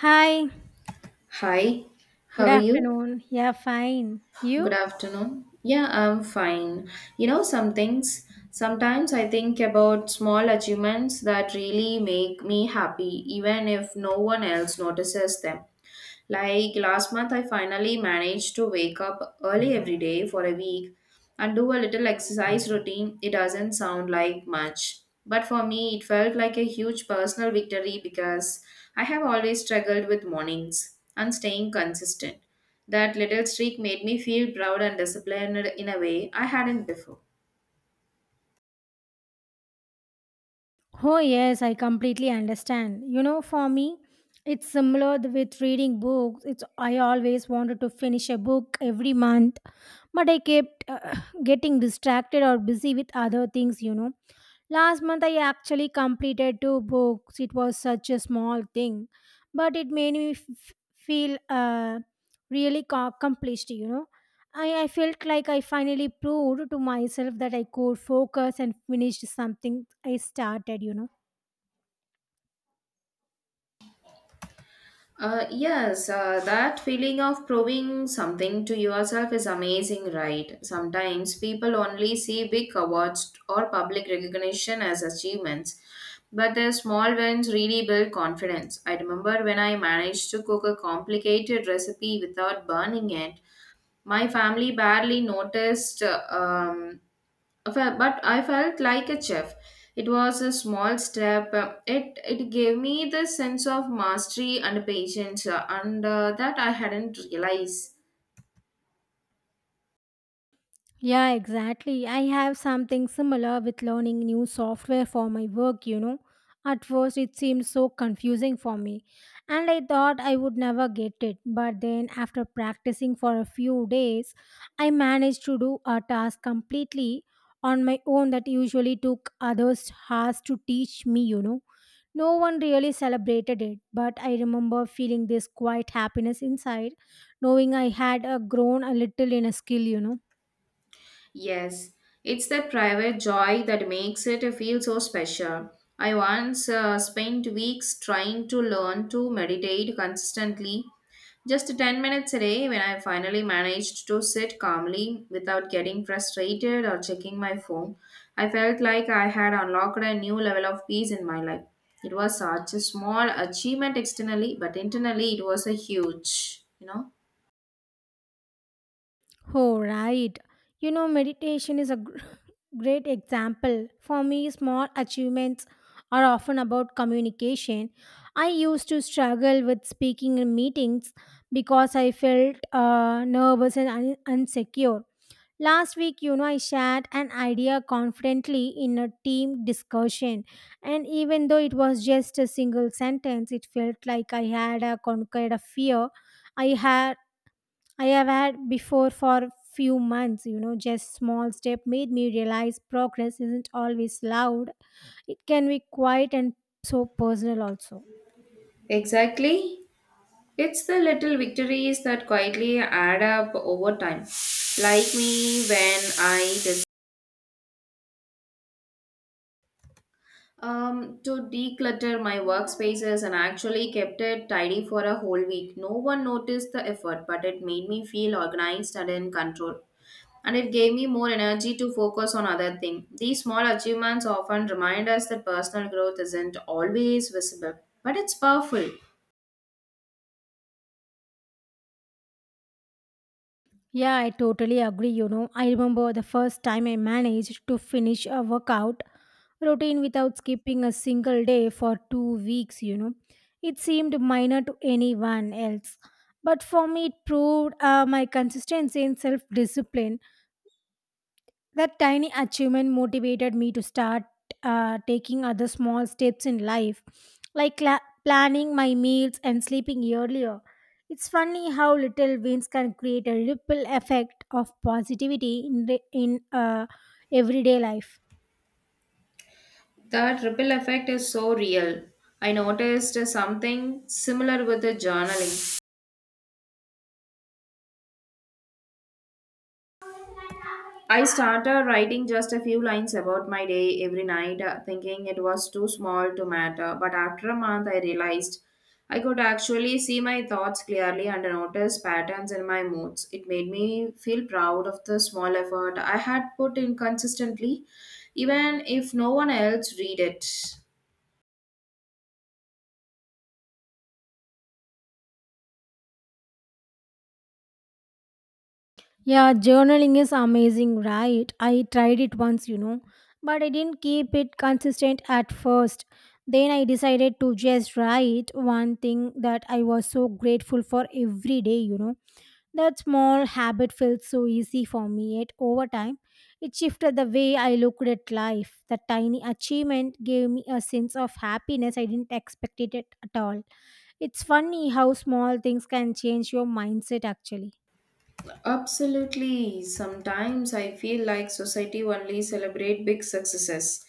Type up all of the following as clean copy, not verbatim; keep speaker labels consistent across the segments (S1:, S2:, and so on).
S1: Hi,
S2: Hi,
S1: good
S2: how are you?
S1: afternoon. Yeah, fine.
S2: Good
S1: You?
S2: afternoon. Yeah, I'm fine. Some things, sometimes I think about small achievements that really make me happy, even if no one else notices them. Like last month, I finally managed to wake up early every day for a week and do a little exercise routine. It doesn't sound like much, but for me, it felt like a huge personal victory because I have always struggled with mornings and staying consistent. That little streak made me feel proud and disciplined in a way I hadn't before.
S1: Oh, yes, I completely understand. You know, for me, it's similar with reading books. It's I always wanted to finish a book every month, but I kept getting distracted or busy with other things. Last month, I actually completed two books. It was such a small thing, but it made me feel really accomplished. I felt like I finally proved to myself that I could focus and finished something I started.
S2: Yes, that feeling of proving something to yourself is amazing, right? Sometimes people only see big awards or public recognition as achievements, but their small wins really build confidence. I remember when I managed to cook a complicated recipe without burning it, my family barely noticed. But I felt like a chef. It was a small step. It gave me the sense of mastery and patience, and that I hadn't realized.
S1: Yeah, exactly. I have something similar with learning new software for my work. At first, it seemed so confusing for me, and I thought I would never get it. But then, after practicing for a few days, I managed to do a task completely on my own that usually took others hours to teach me. No one really celebrated it, but I remember feeling this quiet happiness inside, knowing I had grown a little in a skill.
S2: Yes, it's that private joy that makes it feel so special. I once spent weeks trying to learn to meditate consistently. Just 10 minutes a day, when I finally managed to sit calmly without getting frustrated or checking my phone, I felt like I had unlocked a new level of peace in my life. It was such a small achievement externally, but internally it was a huge.
S1: Oh, right. You know, meditation is a great example. For me, small achievements are often about communication. I used to struggle with speaking in meetings because I felt nervous and insecure. Last week, you know, I shared an idea confidently in a team discussion. And even though it was just a single sentence, it felt like I had conquered a fear I had I have had before for few months, you know, just small step made me realize progress isn't always loud. It can be quiet and so personal also.
S2: Exactly. It's the little victories that quietly add up over time. Like me when I decided to declutter my workspaces and actually kept it tidy for a whole week. No one noticed the effort, but it made me feel organized and in control. And it gave me more energy to focus on other things. These small achievements often remind us that personal growth isn't always visible, but it's powerful.
S1: Yeah, I totally agree, you know. I remember the first time I managed to finish a workout routine without skipping a single day for 2 weeks, you know. It seemed minor to anyone else. But for me, it proved my consistency and self discipline. That tiny achievement motivated me to start taking other small steps in life, like cla planning my meals and sleeping earlier. It's funny how little wins can create a ripple effect of positivity in everyday life.
S2: That ripple effect is so real. I noticed something similar with the journaling. I started writing just a few lines about my day every night, thinking it was too small to matter. But after a month, I realized I could actually see my thoughts clearly and notice patterns in my moods. It made me feel proud of the small effort I had put in consistently, even if no one else read it.
S1: Yeah, journaling is amazing, right? I tried it once, you know, but I didn't keep it consistent at first. Then I decided to just write one thing that I was so grateful for every day, you know. That small habit felt so easy for me, yet over time, it shifted the way I looked at life. The tiny achievement gave me a sense of happiness I didn't expect it at all. It's funny how small things can change your mindset actually.
S2: Absolutely. Sometimes I feel like society only celebrate big successes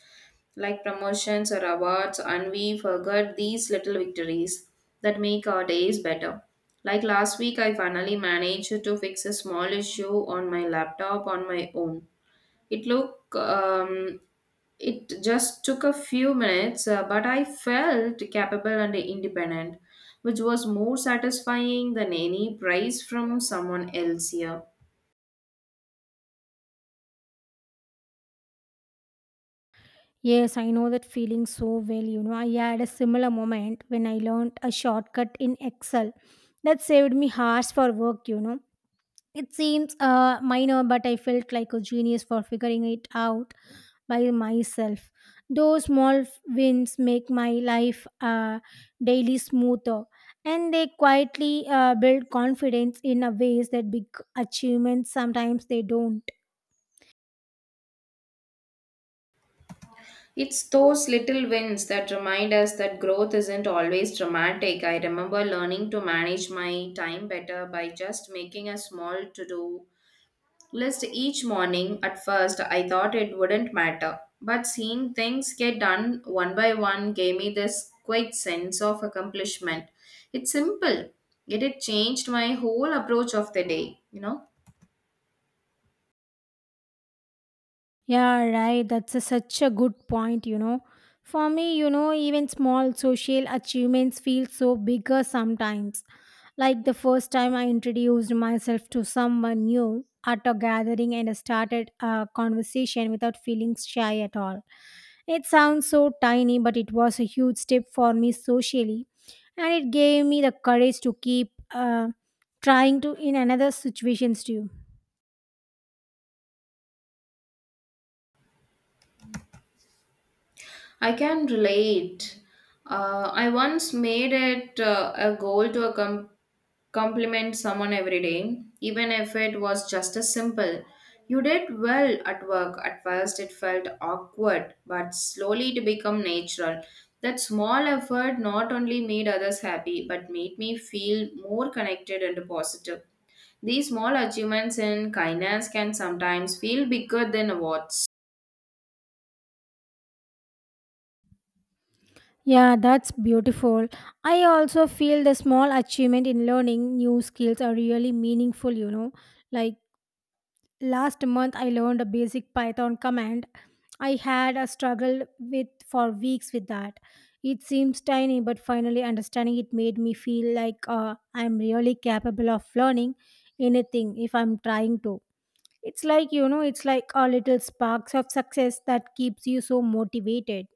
S2: like promotions or awards, and we forget these little victories that make our days better. Like last week, I finally managed to fix a small issue on my laptop on my own. It look um, it just took a few minutes, but I felt capable and independent, which was more satisfying than any prize from someone else here.
S1: Yes, I know that feeling so well. You know, I had a similar moment when I learned a shortcut in Excel that saved me hours for work, you know. It seems minor, but I felt like a genius for figuring it out by myself. Those small wins make my life daily smoother, and they quietly build confidence in a ways that big achievements sometimes they don't.
S2: It's those little wins that remind us that growth isn't always dramatic. I remember learning to manage my time better by just making a small to do list each morning. At first, I thought it wouldn't matter, but seeing things get done one by one gave me this quick sense of accomplishment. It's simple, yet it changed my whole approach of the day.
S1: Yeah, right. Such a good point, you know. For me, you know, even small social achievements feel so bigger sometimes. Like the first time I introduced myself to someone new at a gathering and I started a conversation without feeling shy at all. It sounds so tiny, but it was a huge step for me socially, and it gave me the courage to keep trying to in another situations too.
S2: I can relate. I once made it a goal to accomplish: compliment someone every day, even if it was just as simple. You did well at work. At first, it felt awkward, but slowly it became natural. That small effort not only made others happy, but made me feel more connected and positive. These small achievements in kindness can sometimes feel bigger than awards.
S1: Yeah, that's beautiful. I also feel the small achievement in learning new skills are really meaningful, you know, like last month, I learned a basic Python command. I had a struggle with for weeks with that. It seems tiny, but finally understanding it made me feel like I'm really capable of learning anything if I'm trying to. It's like you know, it's like a little sparks of success that keeps you so motivated.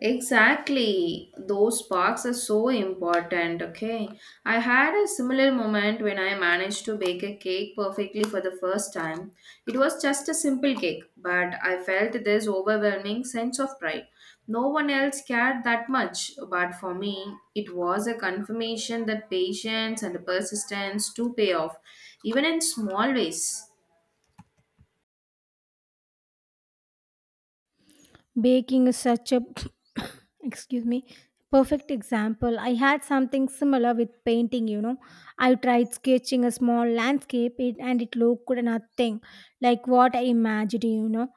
S2: Exactly. Those sparks are so important. Okay. I had a similar moment when I managed to bake a cake perfectly for the first time. It was just a simple cake, but I felt this overwhelming sense of pride. No one else cared that much, but for me, it was a confirmation that patience and persistence do pay off, even in small ways.
S1: Baking is such a excuse me perfect example. I had something similar with painting, you know. I tried sketching a small landscape it, and it looked nothing like what I imagined, you know.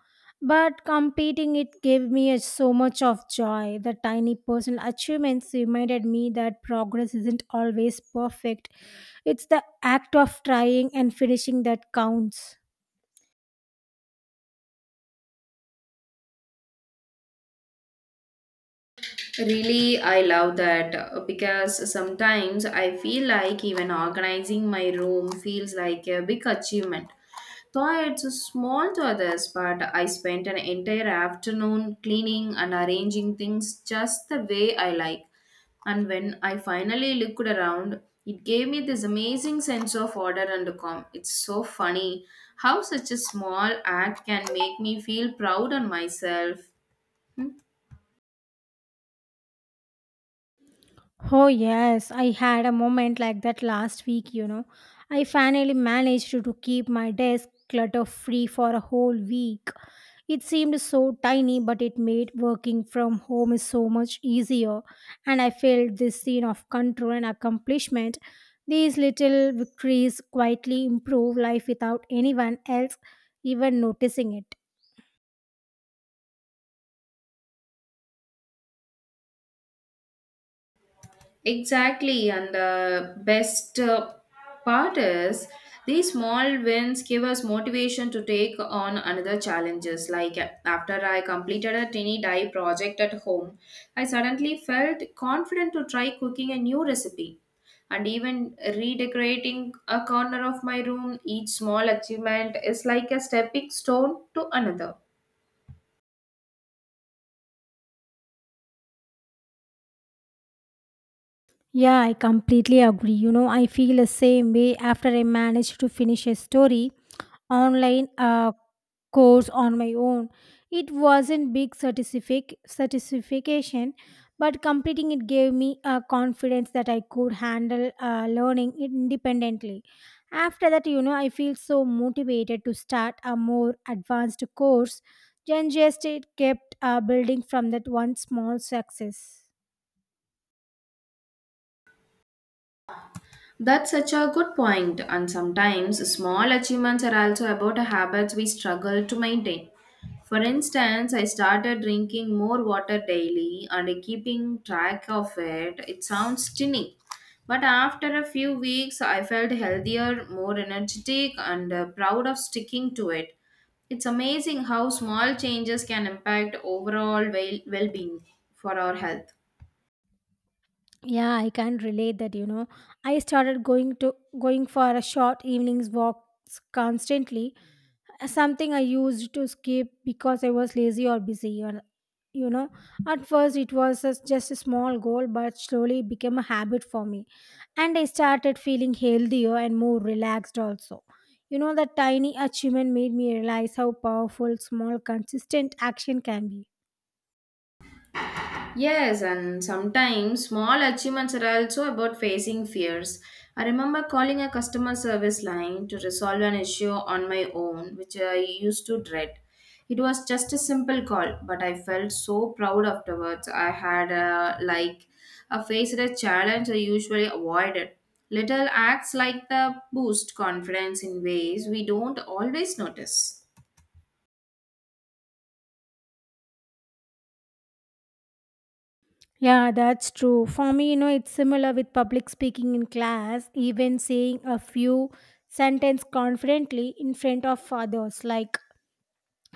S1: But competing it gave me so much of joy. The tiny personal achievements reminded me that progress isn't always perfect. It's the act of trying and finishing that counts.
S2: Really, I love that because sometimes I feel like even organizing my room feels like a big achievement. Though it's small to others, but I spent an entire afternoon cleaning and arranging things just the way I like. And when I finally looked around, it gave me this amazing sense of order and calm. It's so funny how such a small act can make me feel proud on myself. Hmm?
S1: Oh, yes, I had a moment like that last week, you know. I finally managed to keep my desk clutter free for a whole week. It seemed so tiny, but it made working from home is so much easier, and I felt this scene of control and accomplishment. These little victories quietly improve life without anyone else even noticing it.
S2: Exactly, and the best part is these small wins give us motivation to take on another challenges. Like after I completed a tiny dye project at home, I suddenly felt confident to try cooking a new recipe. And even redecorating a corner of my room, each small achievement is like a stepping stone to another.
S1: Yeah, I completely agree. You know, I feel the same way after I managed to finish a story online course on my own. It wasn't big certification, but completing it gave me a confidence that I could handle learning independently. After that, you know, I feel so motivated to start a more advanced course. Then just it kept building from that one small success.
S2: That's such a good point, and sometimes small achievements are also about habits we struggle to maintain. For instance, I started drinking more water daily and keeping track of it. It sounds tinny, but after a few weeks, I felt healthier, more energetic, and proud of sticking to it. It's amazing how small changes can impact overall well being for our health.
S1: Yeah, I can relate that, you know. I started going for a short evenings walks constantly, something I used to skip because I was lazy or busy. Or, you know, at first it was just a small goal, but slowly it became a habit for me. And I started feeling healthier and more relaxed also. You know, that tiny achievement made me realize how powerful small, consistent action can be.
S2: Yes, and sometimes small achievements are also about facing fears. I remember calling a customer service line to resolve an issue on my own, which I used to dread. It was just a simple call, but I felt so proud afterwards. I had like faced a challenge I usually avoided. Little acts like the boost confidence in ways we don't always notice.
S1: Yeah, that's true. For me, you know, it's similar with public speaking in class, even saying a few sentences confidently in front of others, like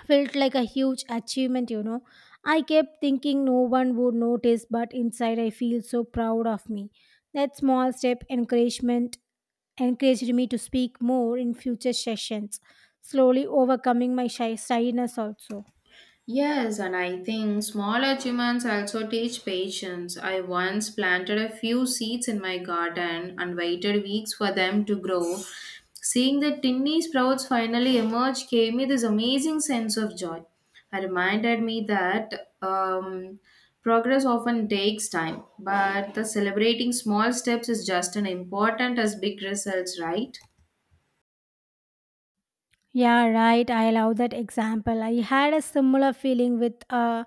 S1: felt like a huge achievement, you know. I kept thinking no one would notice, but inside I feel so proud of me. That small step encouragement encouraged me to speak more in future sessions, slowly overcoming my shyness also.
S2: Yes, and I think small achievements also teach patience. I once planted a few seeds in my garden and waited weeks for them to grow. Seeing the tiny sprouts finally emerge gave me this amazing sense of joy. It reminded me that progress often takes time, but the celebrating small steps is just as important as big results, right?
S1: Yeah, right. I love that example. I had a similar feeling with a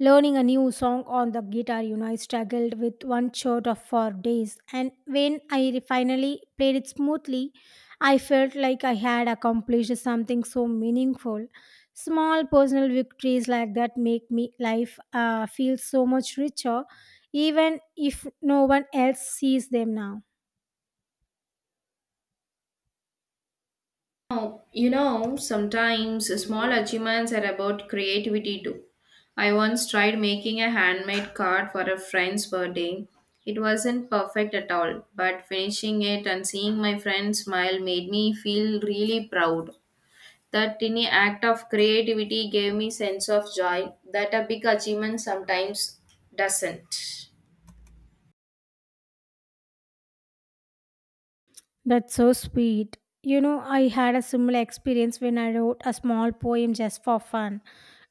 S1: learning a new song on the guitar, you know, I struggled with one chord of for days, and when I finally played it smoothly, I felt like I had accomplished something so meaningful. Small personal victories like that make me life feel so much richer, even if no one else sees them now.
S2: Oh, you know, sometimes small achievements are about creativity too. I once tried making a handmade card for a friend's birthday. It wasn't perfect at all, but finishing it and seeing my friend smile made me feel really proud. That tiny act of creativity gave me sense of joy that a big achievement sometimes doesn't.
S1: That's so sweet. You know, I had a similar experience when I wrote a small poem just for fun.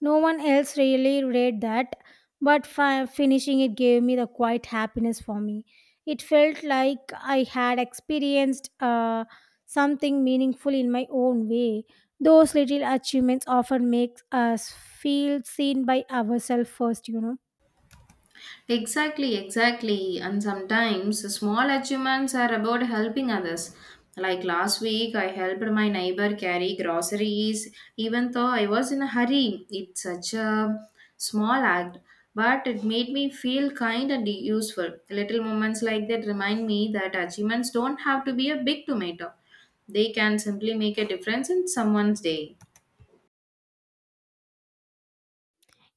S1: No one else really read that, but finishing it gave me the quiet happiness for me. It felt like I had experienced something meaningful in my own way. Those little achievements often make us feel seen by ourselves first, you know.
S2: Exactly, exactly. And sometimes small achievements are about helping others. Like last week, I helped my neighbor carry groceries, even though I was in a hurry. It's such a small act, but it made me feel kind and useful. Little moments like that remind me that achievements don't have to be a big tomato, they can simply make a difference in someone's day.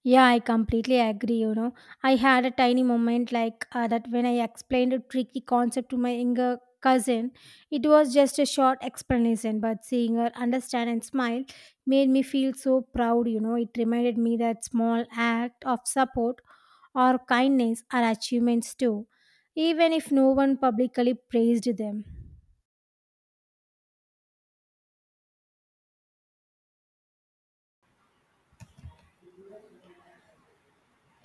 S1: Yeah, I completely agree. You know, I had a tiny moment like that when I explained a tricky concept to my younger cousin. It was just a short explanation, but seeing her understand and smile made me feel so proud. You know, it reminded me that small act of support or kindness are achievements too, even if no one publicly praised them.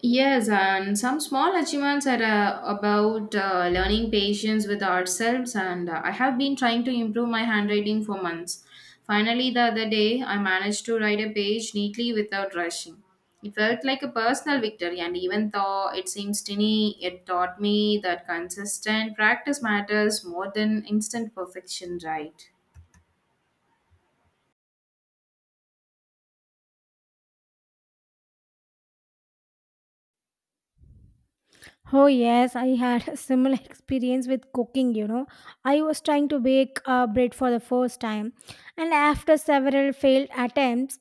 S2: Yes, and some small achievements are about learning patience with ourselves, and I have been trying to improve my handwriting for months. Finally, the other day, I managed to write a page neatly without rushing. It felt like a personal victory, and even though it seems tiny, it taught me that consistent practice matters more than instant perfection, right?
S1: Oh, yes, I had a similar experience with cooking. You know, I was trying to bake bread for the first time, and after several failed attempts,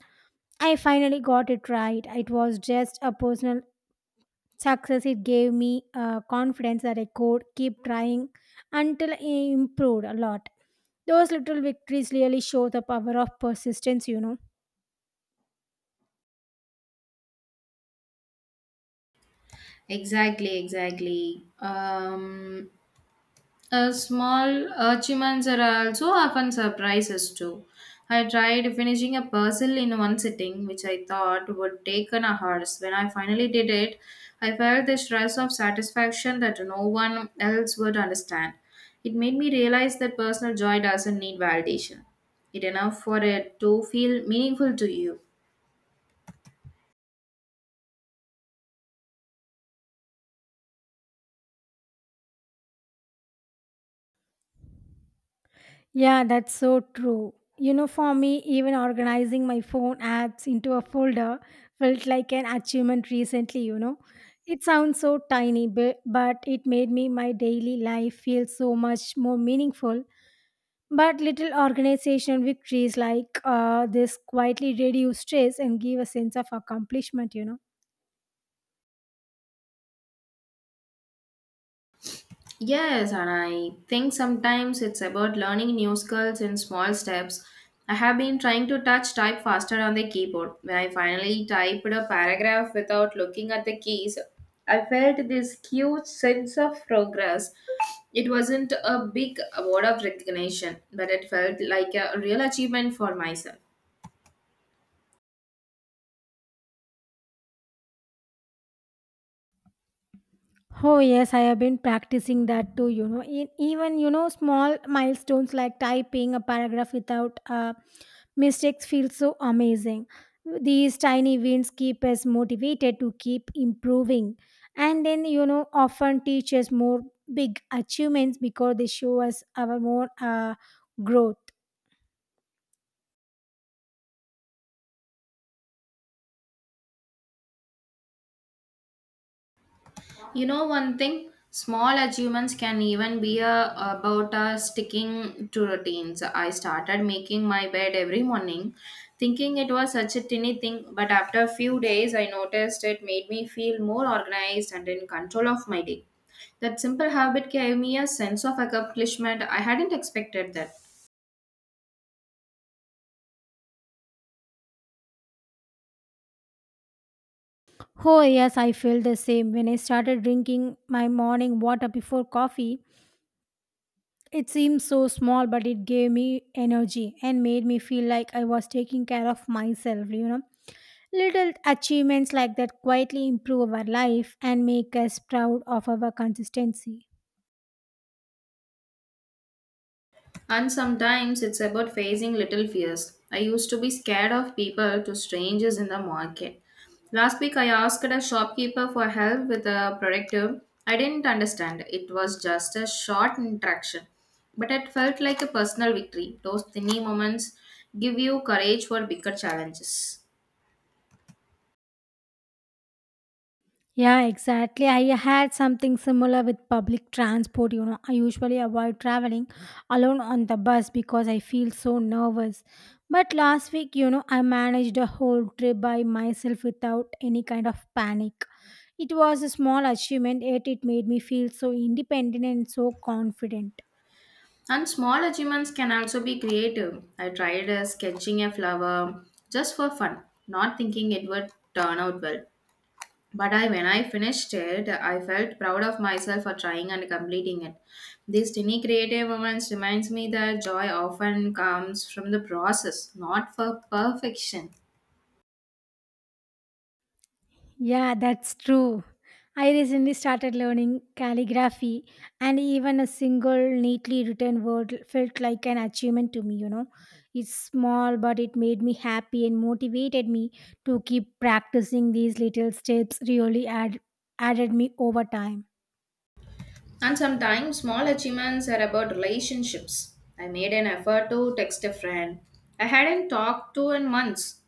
S1: I finally got it right. It was just a personal success. It gave me confidence that I could keep trying until I improved a lot. Those little victories really show the power of persistence, you know.
S2: Exactly, exactly. Small achievements are also often surprises too. I tried finishing a puzzle in one sitting, which I thought would take an hours. When I finally did it, I felt the stress of satisfaction that no one else would understand. It made me realize that personal joy doesn't need validation. It enough for it to feel meaningful to you.
S1: Yeah, that's so true. You know, for me, even organizing my phone apps into a folder felt like an achievement recently, you know. It sounds so tiny, but it made me my daily life feel so much more meaningful. But little organization victories like this quietly reduce stress and give a sense of accomplishment, you know.
S2: Yes, and I think sometimes it's about learning new skills in small steps. I have been trying to touch type faster on the keyboard. When I finally typed a paragraph without looking at the keys, I felt this huge sense of progress. It wasn't a big award of recognition, but it felt like a real achievement for myself.
S1: Oh yes, I have been practicing that too. You know, even you know small milestones like typing a paragraph without mistakes feel so amazing. These tiny wins keep us motivated to keep improving, and then you know often teach us more big achievements because they show us our more growth.
S2: You know one thing, small achievements can even be about sticking to routines. I started making my bed every morning, thinking it was such a tiny thing, but after a few days I noticed it made me feel more organized and in control of my day. That simple habit gave me a sense of accomplishment I hadn't expected that.
S1: Oh yes, I feel the same when I started drinking my morning water before coffee. It seemed so small, but it gave me energy and made me feel like I was taking care of myself, you know. Little achievements like that quietly improve our life and make us proud of our consistency.
S2: And sometimes it's about facing little fears. I used to be scared of people to strangers in the market. Last week I asked a shopkeeper for help with a productive. I didn't understand. It was just a short interaction. But it felt like a personal victory. Those tiny moments give you courage for bigger challenges.
S1: Yeah, exactly. I had something similar with public transport. You know, I usually avoid traveling alone on the bus because I feel so nervous. But last week, you know, I managed a whole trip by myself without any kind of panic. It was a small achievement, yet it made me feel so independent and so confident.
S2: And small achievements can also be creative. I tried sketching a flower just for fun, not thinking it would turn out well. When I finished it, I felt proud of myself for trying and completing it. These tiny creative moments reminds me that joy often comes from the process, not for perfection.
S1: Yeah, that's true. I recently started learning calligraphy, and even a single neatly written word felt like an achievement to me, you know. It's small, but it made me happy and motivated me to keep practicing these little steps, added me over time.
S2: And sometimes small achievements are about relationships. I made an effort to text a friend I hadn't talked to in months,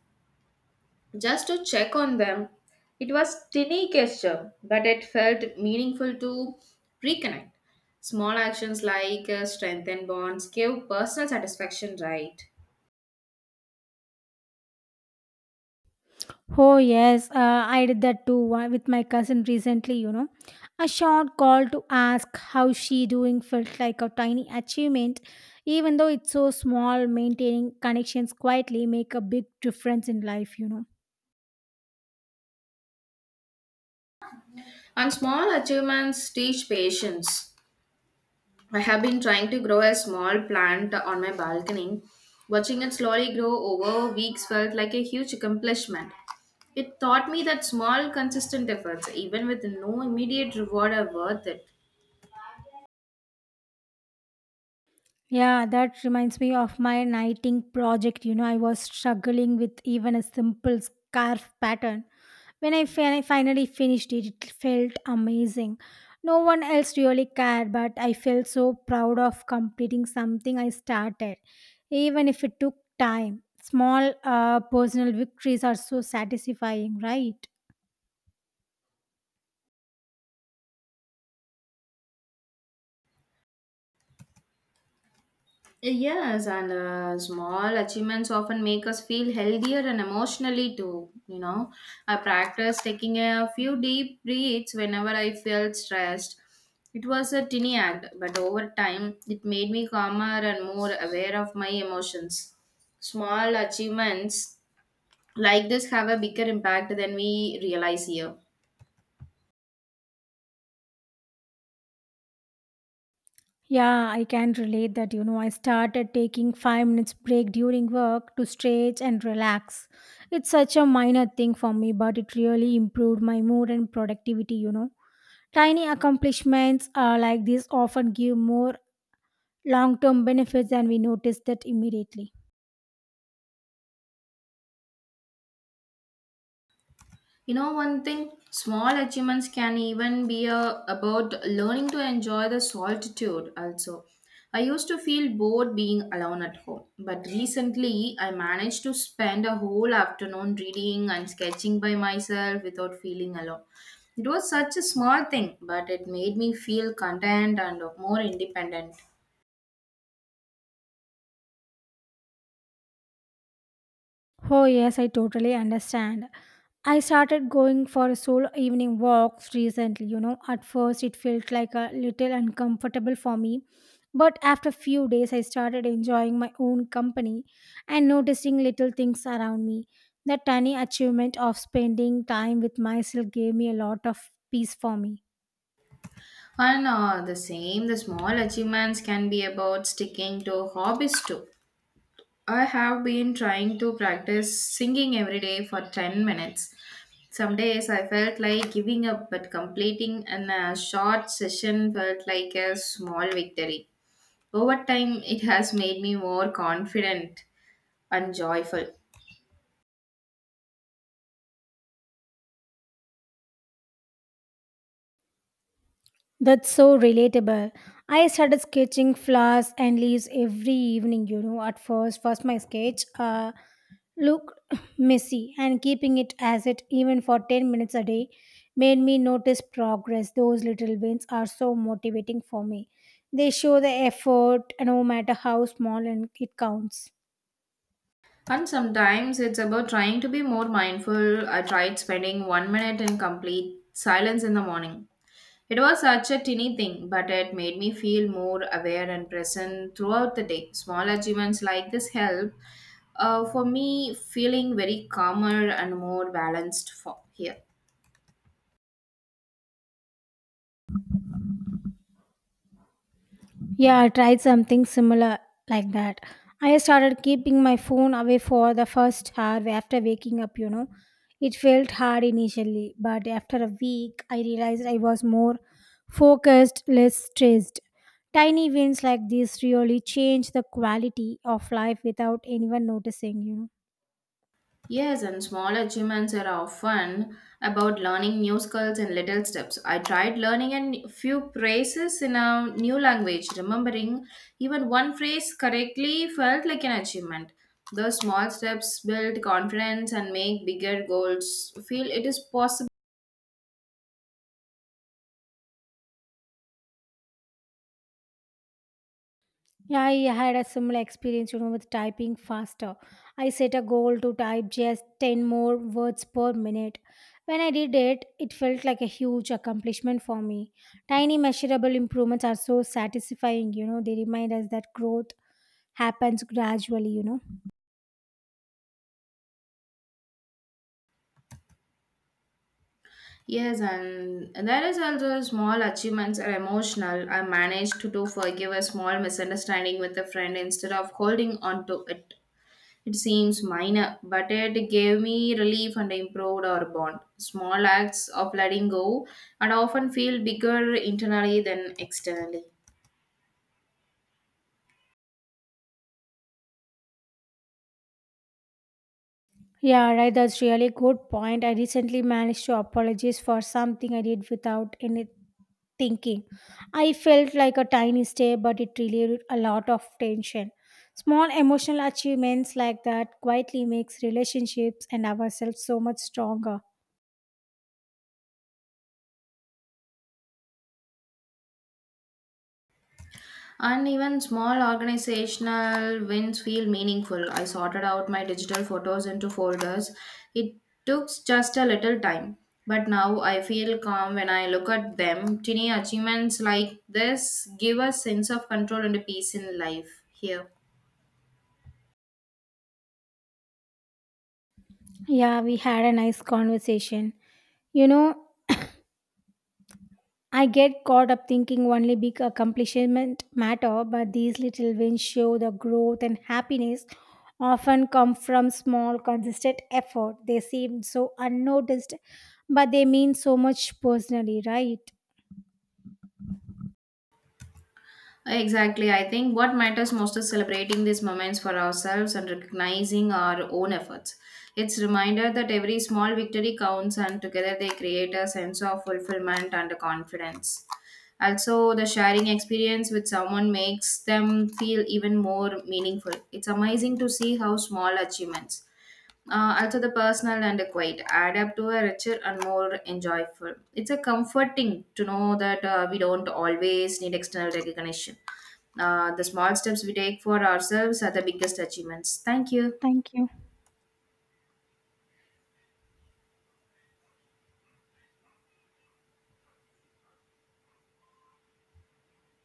S2: just to check on them. It was tiny gesture, but it felt meaningful to reconnect. Small actions like strengthen bonds give personal satisfaction, right?
S1: Oh, yes, I did that too with my cousin recently, you know. A short call to ask how she doing felt like a tiny achievement. Even though it's so small, maintaining connections quietly make a big difference in life, you know.
S2: And small achievements teach patience. I have been trying to grow a small plant on my balcony. Watching it slowly grow over weeks felt like a huge accomplishment. It taught me that small, consistent efforts, even with no immediate reward, are worth it.
S1: Yeah, that reminds me of my nighting project. You know, I was struggling with even a simple scarf pattern. When I finally finished it, it felt amazing. No one else really cared, but I felt so proud of completing something I started, even if it took time. Small personal victories are so satisfying, right?
S2: Yes, and small achievements often make us feel healthier and emotionally too. You know, I practiced taking a few deep breaths whenever I felt stressed. It was a tiny act, but over time, it made me calmer and more aware of my emotions. Small achievements like this have a bigger impact than we realize here.
S1: Yeah, I can relate that. You know, I started taking 5 minutes break during work to stretch and relax. It's such a minor thing for me, but it really improved my mood and productivity, you know. Tiny accomplishments like this often give more long term benefits than we notice that immediately.
S2: You know, one thing, small achievements can even be about learning to enjoy the solitude also. I used to feel bored being alone at home, but recently I managed to spend a whole afternoon reading and sketching by myself without feeling alone. It was such a small thing, but it made me feel content and more independent.
S1: Oh, yes, I totally understand. I started going for solo evening walks recently, you know. At first, it felt like a little uncomfortable for me, but after few days, I started enjoying my own company and noticing little things around me. That tiny achievement of spending time with myself gave me a lot of peace for me.
S2: And the small achievements can be about sticking to hobbies too. I have been trying to practice singing every day for 10 minutes. Some days I felt like giving up, but completing a short session felt like a small victory. Over time, it has made me more confident and joyful.
S1: That's so relatable. I started sketching flowers and leaves every evening, you know. At first, my sketch, looked messy, and keeping it as it even for 10 minutes a day made me notice progress. Those little wins are so motivating for me. They show the effort, and no matter how small, and it counts.
S2: And sometimes it's about trying to be more mindful. I tried spending 1 minute in complete silence in the morning. It was such a teeny thing, but it made me feel more aware and present throughout the day. Small achievements like this help for me feeling very calmer and more balanced for here.
S1: Yeah, I tried something similar like that. I started keeping my phone away for the first hour after waking up, you know. It felt hard initially, but after a week, I realized I was more focused, less stressed. Tiny wins like this really change the quality of life without anyone noticing, you know.
S2: Yes, and small achievements are often about learning new skills in little steps. I tried learning a few phrases in a new language. Remembering even one phrase correctly felt like an achievement. Those small steps build confidence and make bigger goals feel it is possible.
S1: Yeah, I had a similar experience, you know, with typing faster. I set a goal to type just 10 more words per minute. When I did it, it felt like a huge accomplishment for me. Tiny measurable improvements are so satisfying, you know, they remind us that growth happens gradually, you know.
S2: Yes, and there is also small achievements are emotional. I managed to do forgive a small misunderstanding with a friend instead of holding on to it. It seems minor, but it gave me relief and improved our bond. Small acts of letting go and often feel bigger internally than externally.
S1: Yeah, right, that's really good point. I recently managed to apologize for something I did without any thinking. I felt like a tiny step, but it relieved a lot of tension. Small emotional achievements like that quietly makes relationships and ourselves so much stronger.
S2: And even small organizational wins feel meaningful. I sorted out my digital photos into folders. It took just a little time, but now I feel calm when I look at them. Tiny achievements like this give a sense of control and peace in life here.
S1: Yeah, we had a nice conversation. You know, I get caught up thinking only big accomplishment matter, but these little wins show the growth and happiness often come from small consistent effort. They seem so unnoticed, but they mean so much personally, right?
S2: Exactly. I think what matters most is celebrating these moments for ourselves and recognizing our own efforts. It's reminder that every small victory counts and together they create a sense of fulfillment and confidence. Also, the sharing experience with someone makes them feel even more meaningful. It's amazing to see how small achievements also, the personal and the quiet add up to a richer and more enjoyable. It's a comforting to know that we don't always need external recognition. The small steps we take for ourselves are the biggest achievements. Thank you.
S1: Thank you.